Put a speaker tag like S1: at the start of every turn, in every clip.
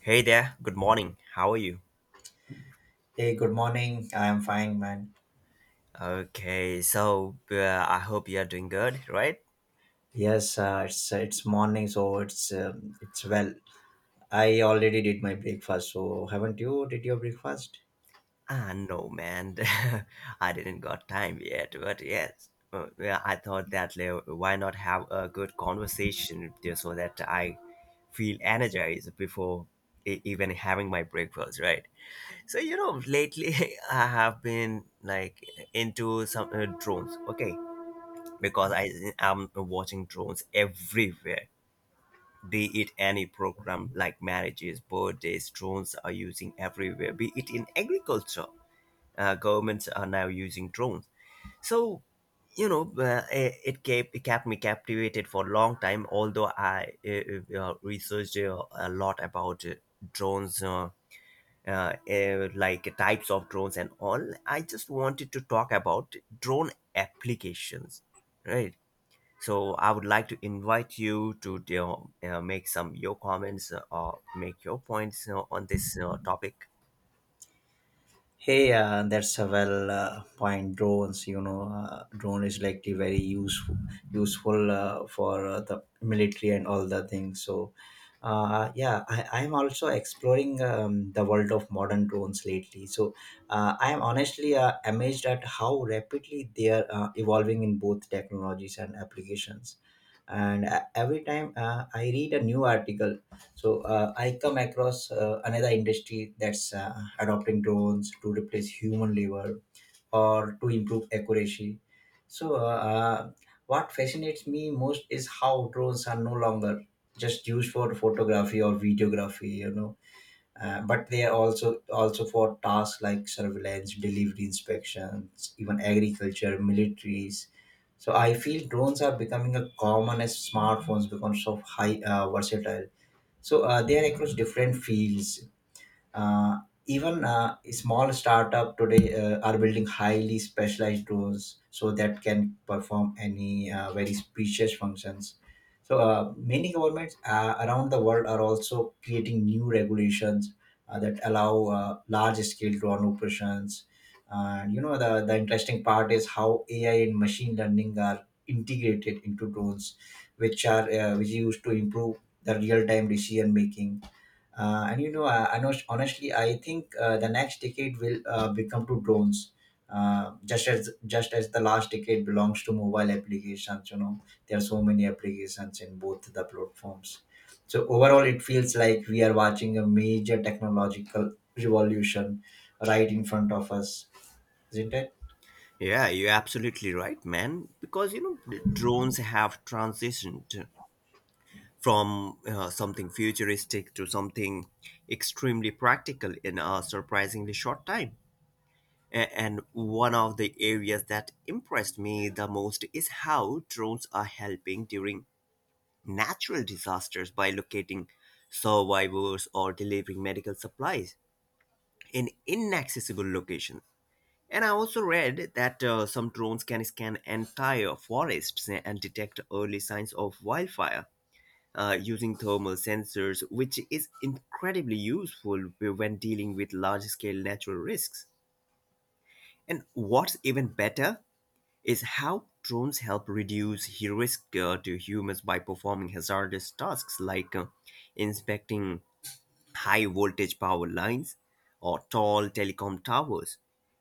S1: Hey there, good morning. How are you?
S2: Hey, good morning. I am fine, man.
S1: Okay, so I hope you are doing good, right?
S2: Yes, it's morning, so it's well. I already did my breakfast. So haven't you? Did your breakfast?
S1: Ah, no, man, I didn't got time yet, but yes. Yeah, I thought that why not have a good conversation just so that I feel energized before even having my breakfast, right? So, lately I have been like into some drones, okay? Because I, I'm watching drones everywhere, be it any program like marriages, birthdays. Drones are using everywhere, be it in agriculture, governments are now using drones. So, it kept me captivated for a long time, although I researched a lot about drones. Like types of drones and all. I just wanted to talk about drone applications, right? So I would like to invite you to make some your comments or make your points, on this topic.
S2: Hey, that's a well point. Drones, you know, drone is likely very useful, useful for the military and all the things. So, yeah, I'm also exploring the world of modern drones lately. So, I'm honestly amazed at how rapidly they are evolving in both technologies and applications, and every time I read a new article, so I come across another industry that's adopting drones to replace human labor or to improve accuracy. so uh, uh, what fascinates me most is how drones are no longer just used for photography or videography. But they are also for tasks like surveillance, delivery inspections, even agriculture, militaries. So I feel drones are becoming a common as smartphones because of high versatile. So they are across different fields. Uh, even Small startup today are building highly specialized roles so that can perform any very specious functions. So many governments around the world are also creating new regulations that allow large-scale drone operations. And you know, the interesting part is how AI and machine learning are integrated into drones, which are which used to improve the real-time decision making. And you know, I know, honestly, I think the next decade will become to drones, just as the last decade belongs to mobile applications. You know, there are so many applications in both the platforms. So overall, it feels like we are watching a major technological revolution right in front of us, isn't it?
S1: Yeah, you're absolutely right, man. Because you know the drones have transitioned from something futuristic to something extremely practical in a surprisingly short time. And one of the areas that impressed me the most is how drones are helping during natural disasters by locating survivors or delivering medical supplies in inaccessible locations. And I also read that some drones can scan entire forests and detect early signs of wildfire using thermal sensors, which is incredibly useful when dealing with large scale natural risks. And what's even better is how drones help reduce risk to humans by performing hazardous tasks like inspecting high voltage power lines or tall telecom towers.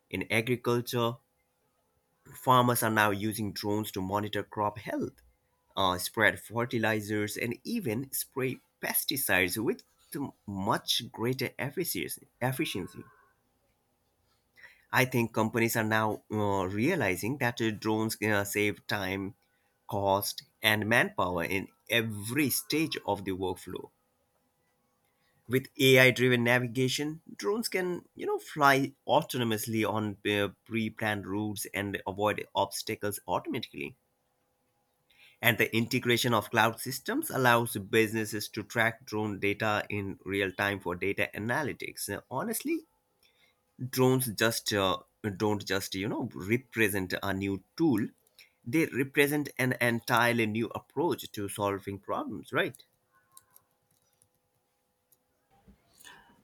S1: In agriculture, farmers are now using drones to monitor crop health, spread fertilizers, and even spray pesticides with much greater efficiency. I think companies are now realizing that drones save time, cost, and manpower in every stage of the workflow. With AI-driven navigation, drones can, you know, fly autonomously on pre-planned routes and avoid obstacles automatically. And the integration of cloud systems allows businesses to track drone data in real time for data analytics. Honestly, drones just don't just, you know, represent a new tool, they represent an entirely new approach to solving problems, right?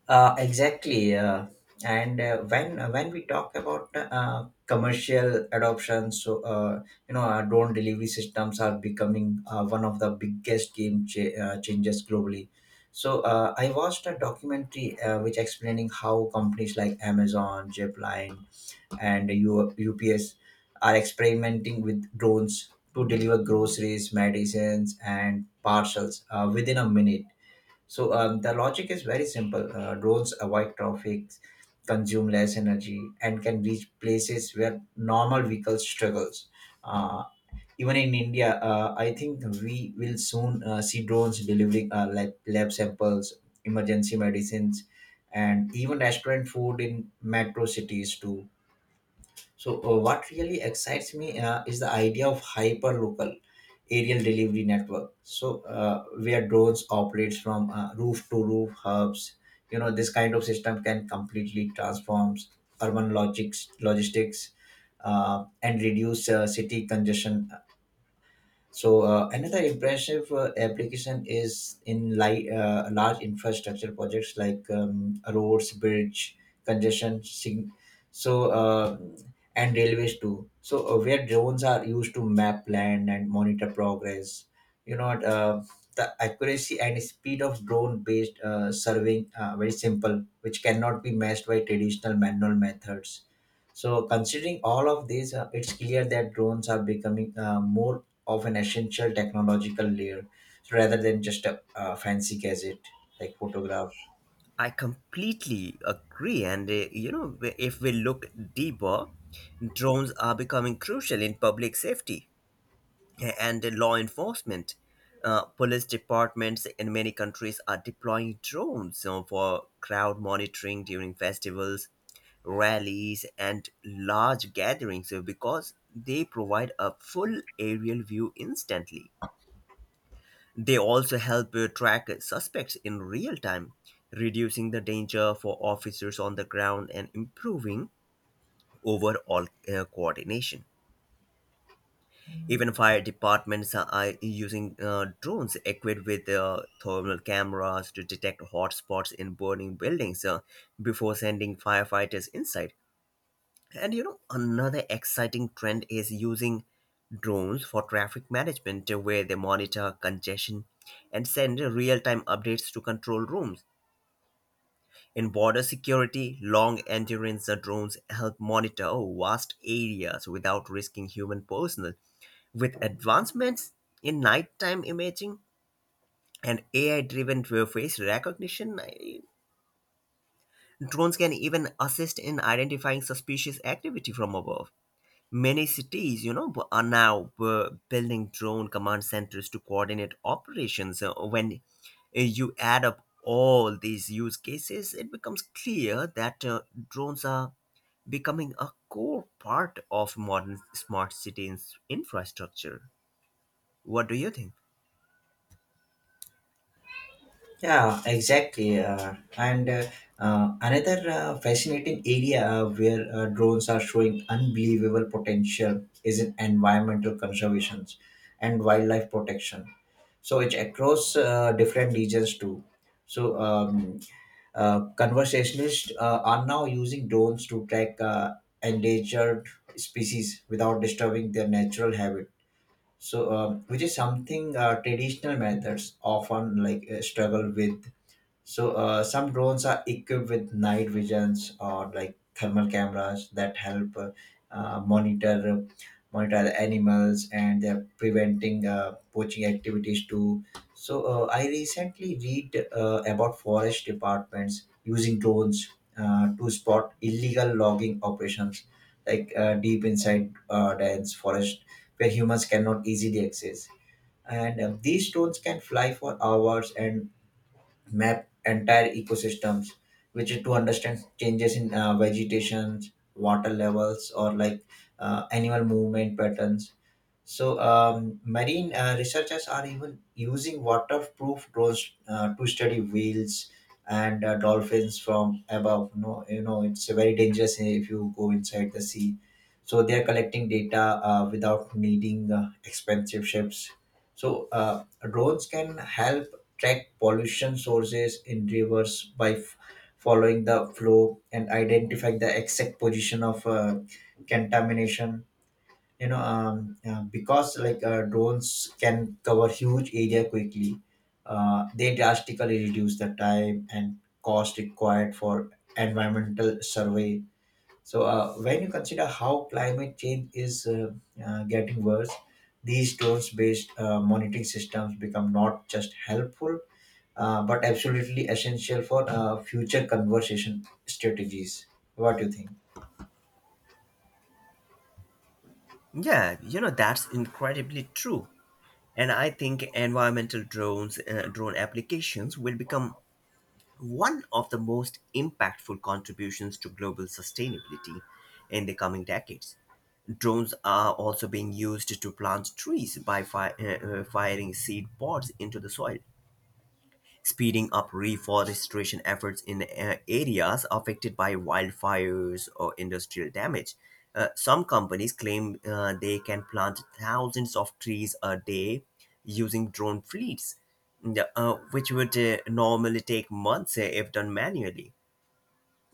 S2: Exactly. And When when we talk about commercial adoption, so you know, our drone delivery systems are becoming one of the biggest changes globally. So I watched a documentary which explaining how companies like Amazon, Zipline, and UPS are experimenting with drones to deliver groceries, medicines, and parcels within a minute. So the logic is very simple. Roads avoid traffic, consume less energy, and can reach places where normal vehicles struggles. Uh, Even in India, I think we will soon see drones delivering lab samples, emergency medicines, and even restaurant food in metro cities too. So, what really excites me is the idea of hyperlocal aerial delivery network. So, where drones operates from roof to roof hubs, you know, this kind of system can completely transforms urban logistics and reduce city congestion. So another impressive application is in large infrastructure projects like roads, bridge, congestion, sig- so and railways too. So where drones are used to map land and monitor progress. You know what, the accuracy and speed of drone-based surveying very simple, which cannot be matched by traditional manual methods. So, considering all of these, it's clear that drones are becoming more of an essential technological layer, so rather than just a, fancy gadget like photograph.
S1: I completely agree. And you know if we look deeper, drones are becoming crucial in public safety and the law enforcement. Police departments in many countries are deploying drones for crowd monitoring during festivals, rallies, and large gatherings because they provide a full aerial view instantly. They also help track suspects in real time, reducing the danger for officers on the ground and improving overall coordination. Even fire departments are using drones equipped with thermal cameras to detect hotspots in burning buildings before sending firefighters inside. And you know, another exciting trend is using drones for traffic management, where they monitor congestion and send real time updates to control rooms. In border security, long endurance drones help monitor vast areas without risking human personnel. With advancements in nighttime imaging and AI driven face recognition, drones can even assist in identifying suspicious activity from above. Many cities, you know, are now building drone command centers to coordinate operations. When you add up all these use cases, it becomes clear that drones are becoming a core part of modern smart cities infrastructure. What do you think?
S2: Yeah, exactly. And another Fascinating area where drones are showing unbelievable potential is in environmental conservation and wildlife protection. So, it's across different regions too. So, um, Conversationalists are now using drones to track endangered species without disturbing their natural habit. So, which is something traditional methods often like struggle with. So some drones are equipped with night visions or like thermal cameras that help uh, monitor monitor the animals and they're preventing poaching activities too. So I recently read about forest departments using drones to spot illegal logging operations like deep inside dense forest where humans cannot easily access. And these drones can fly for hours and map entire ecosystems, which is to understand changes in vegetations, water levels, or like animal movement patterns. So, marine researchers are even using waterproof drones to study whales and dolphins from above. No, you know, it's very dangerous if you go inside the sea. So they are collecting data without needing expensive ships. So drones can help track pollution sources in rivers by following the flow and identify the exact position of contamination. Because like drones can cover huge area quickly, they drastically reduce the time and cost required for environmental survey. So when you consider how climate change is getting worse, these drones based monitoring systems become not just helpful, but absolutely essential for future conversation strategies. What do you think?
S1: Yeah, you know that's incredibly true, and I think environmental drone applications will become one of the most impactful contributions to global sustainability in the coming decades. Drones are also being used to plant trees by firing seed pods into the soil, speeding up reforestation efforts in areas affected by wildfires or industrial damage. Some companies claim they can plant thousands of trees a day using drone fleets, which would normally take months if done manually.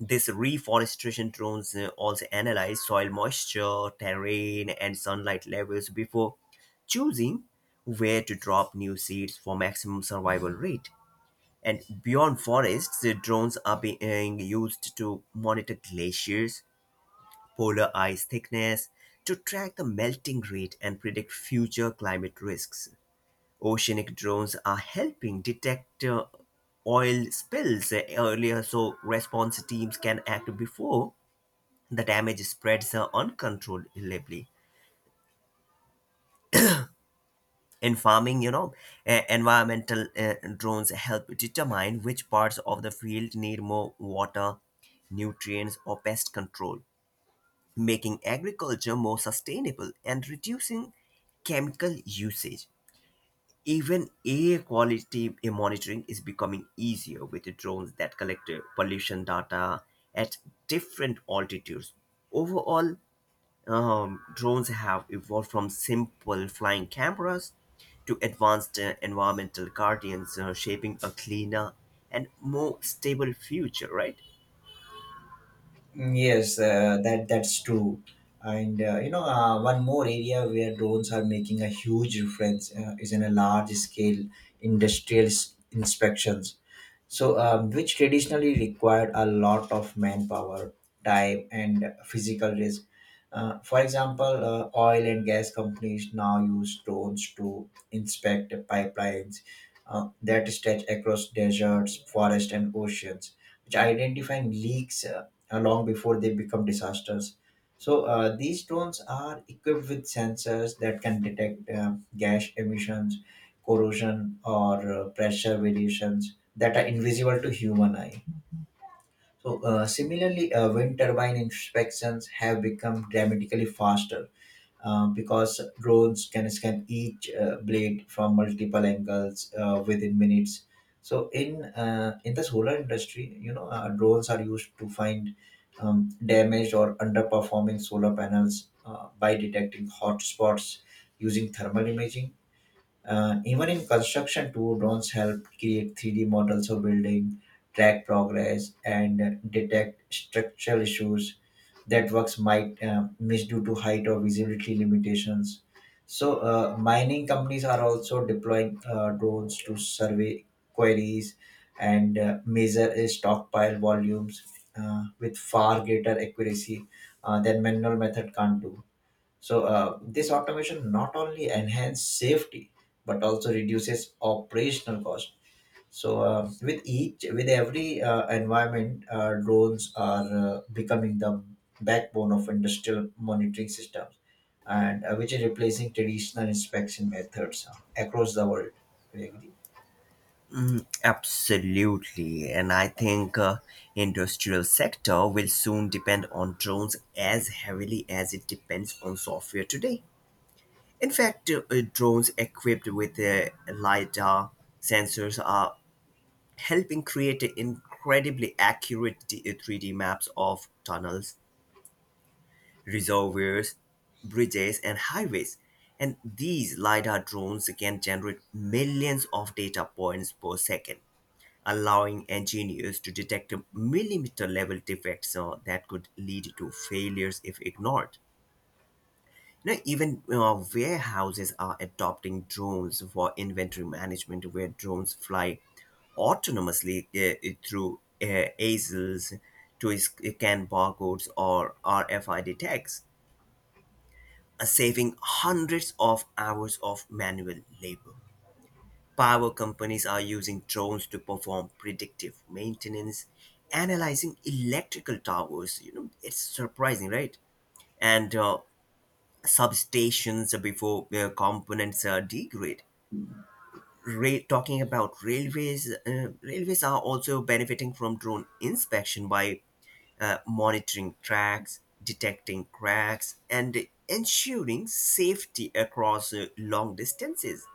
S1: This reforestation drones also analyze soil moisture, terrain, and sunlight levels before choosing where to drop new seeds for maximum survival rate. And beyond forests, the drones are being used to monitor glaciers, polar ice thickness, to track the melting rate and predict future climate risks. Oceanic drones are helping detect oil spills earlier so response teams can act before the damage spreads uncontrollably. In farming, you know, environmental drones help determine which parts of the field need more water, nutrients, or pest control, making agriculture more sustainable and reducing chemical usage. Even air quality monitoring is becoming easier with the drones that collect pollution data at different altitudes. Overall, drones have evolved from simple flying cameras to advanced environmental guardians, shaping a cleaner and more stable future, right?
S2: Mm, yes, that's true. And you know, one more area where drones are making a huge difference is in a large scale industrial inspections. So, which traditionally required a lot of manpower, time, and physical risk. For example, oil and gas companies now use drones to inspect pipelines that stretch across deserts, forests, and oceans, which identify leaks long before they become disasters. So, these drones are equipped with sensors that can detect gas emissions corrosion or pressure variations that are invisible to human eye. So similarly, wind turbine inspections have become dramatically faster because drones can scan each blade from multiple angles within minutes. So in the solar industry, you know, drones are used to find damaged or underperforming solar panels by detecting hot spots using thermal imaging. Even in construction, too, drones help create 3D models of building, track progress, and detect structural issues that works might miss due to height or visibility limitations. So, mining companies are also deploying drones to survey quarries and measure stockpile volumes with far greater accuracy than manual method can't do. So this automation not only enhances safety but also reduces operational cost. So with every environment, drones are becoming the backbone of industrial monitoring systems, and which is replacing traditional inspection methods across the world. We agree.
S1: Absolutely, and I think industrial sector will soon depend on drones as heavily as it depends on software today. In fact, drones equipped with lidar sensors are helping create a incredibly accurate 3D maps of tunnels, reservoirs, bridges, and highways. And these LiDAR drones can generate millions of data points per second, allowing engineers to detect millimeter level defects that could lead to failures if ignored. You know, even warehouses are adopting drones for inventory management, where drones fly autonomously through ASILs to scan barcodes or RFID tags, saving hundreds of hours of manual labor. Power companies are using drones to perform predictive maintenance, analyzing electrical towers. You know, it's surprising, right? And substations before components degrade. Talking about railways, railways are also benefiting from drone inspection by monitoring tracks, detecting cracks, and ensuring safety across long distances.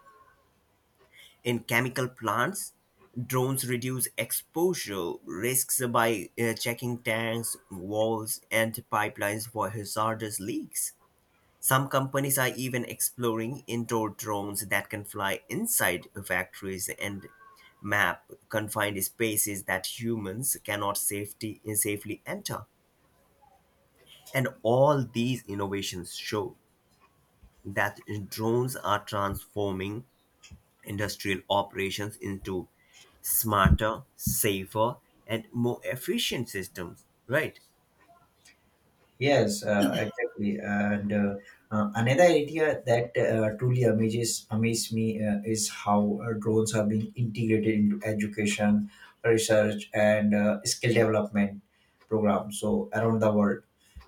S1: In chemical plants, drones reduce exposure risks by checking tanks, walls, and pipelines for hazardous leaks. Some companies are even exploring indoor drones that can fly inside factories and map confined spaces that humans cannot safely enter. And all these innovations show that drones are transforming industrial operations into smarter, safer, and more efficient systems, right?
S2: Yes, exactly. And Another area that truly amaze me is how drones are being integrated into education, research, and skill development programs. So around the world,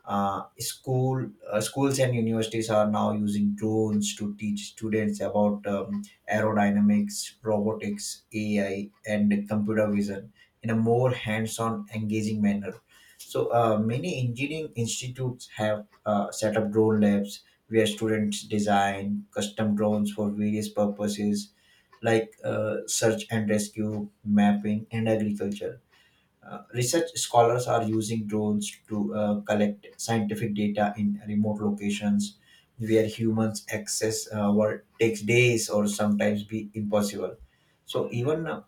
S2: schools and universities are now using drones to teach students about aerodynamics, robotics, AI, and computer vision in a more hands-on, engaging manner. So many engineering institutes have set up drone labs where students design custom drones for various purposes like search and rescue, mapping, and agriculture. Research scholars are using drones to collect scientific data in remote locations where humans access what takes days or sometimes be impossible. So even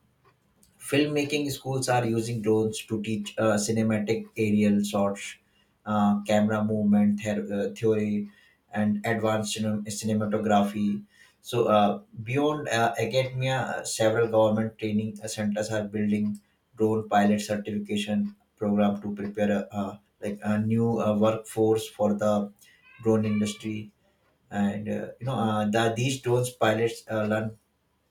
S2: filmmaking schools are using drones to teach cinematic aerial shots, camera movement theory, and advanced cinematography. So, beyond academia, several government training centers are building drone pilot certification program to prepare like a new workforce for the drone industry. And you know, these drones pilots learn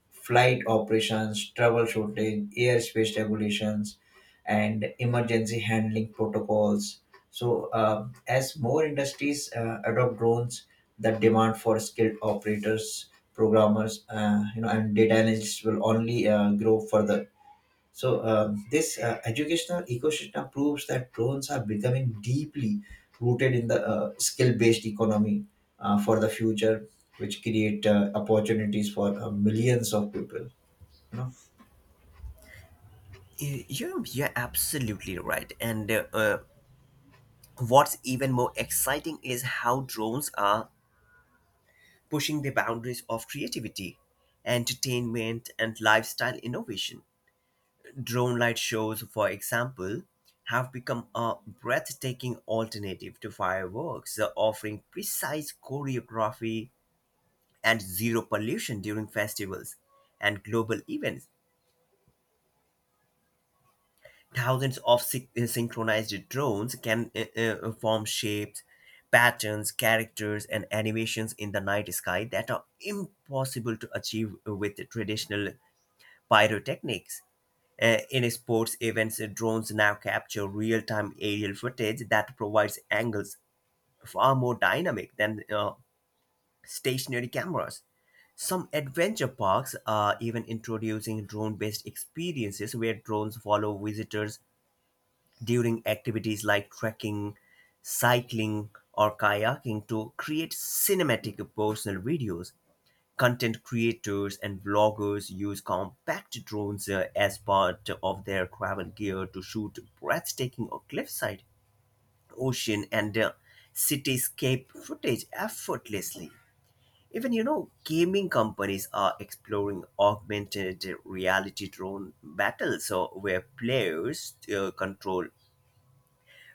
S2: flight operations, travel shortage, airspace regulations, and emergency handling protocols. So, as more industries adopt drones, the demand for skilled operators, programmers, you know, and data analysts will only grow further. So, this educational ecosystem proves that drones are becoming deeply rooted in the skill based economy for the future, which create opportunities for millions of people. You know?
S1: You're absolutely right. And what's even more exciting is how drones are pushing the boundaries of creativity, entertainment, and lifestyle innovation. Drone light shows, for example, have become a breathtaking alternative to fireworks, offering precise choreography and zero pollution during festivals and global events. Thousands of sy- synchronized drones can form shapes, patterns, characters, and animations in the night sky that are impossible to achieve with traditional pyrotechnics. In sports events, drones now capture real time aerial footage that provides angles far more dynamic than stationary cameras. Some adventure parks are even introducing drone based experiences where drones follow visitors during activities like trekking, cycling, or kayaking to create cinematic personal videos. Content creators and vloggers use compact drones as part of their travel gear to shoot breathtaking or cliffside, ocean, and cityscape footage effortlessly. Even you know, gaming companies are exploring augmented reality drone battles, so where players control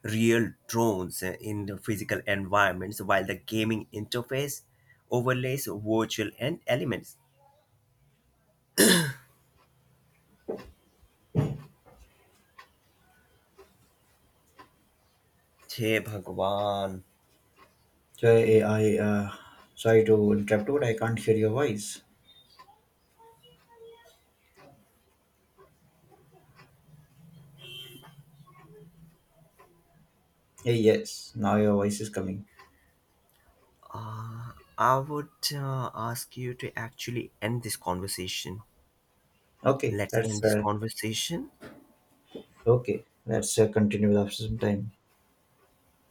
S1: real drones in the physical environments while the gaming interface overlays virtual and elements. Hey Bhagwan,
S2: So, I sorry to interrupt, but I can't hear your voice. Hey, yes, now your voice is coming.
S1: I would ask you to actually end this conversation.
S2: Okay,
S1: Let's
S2: that's
S1: end this conversation.
S2: okay. Let's continue with after some time.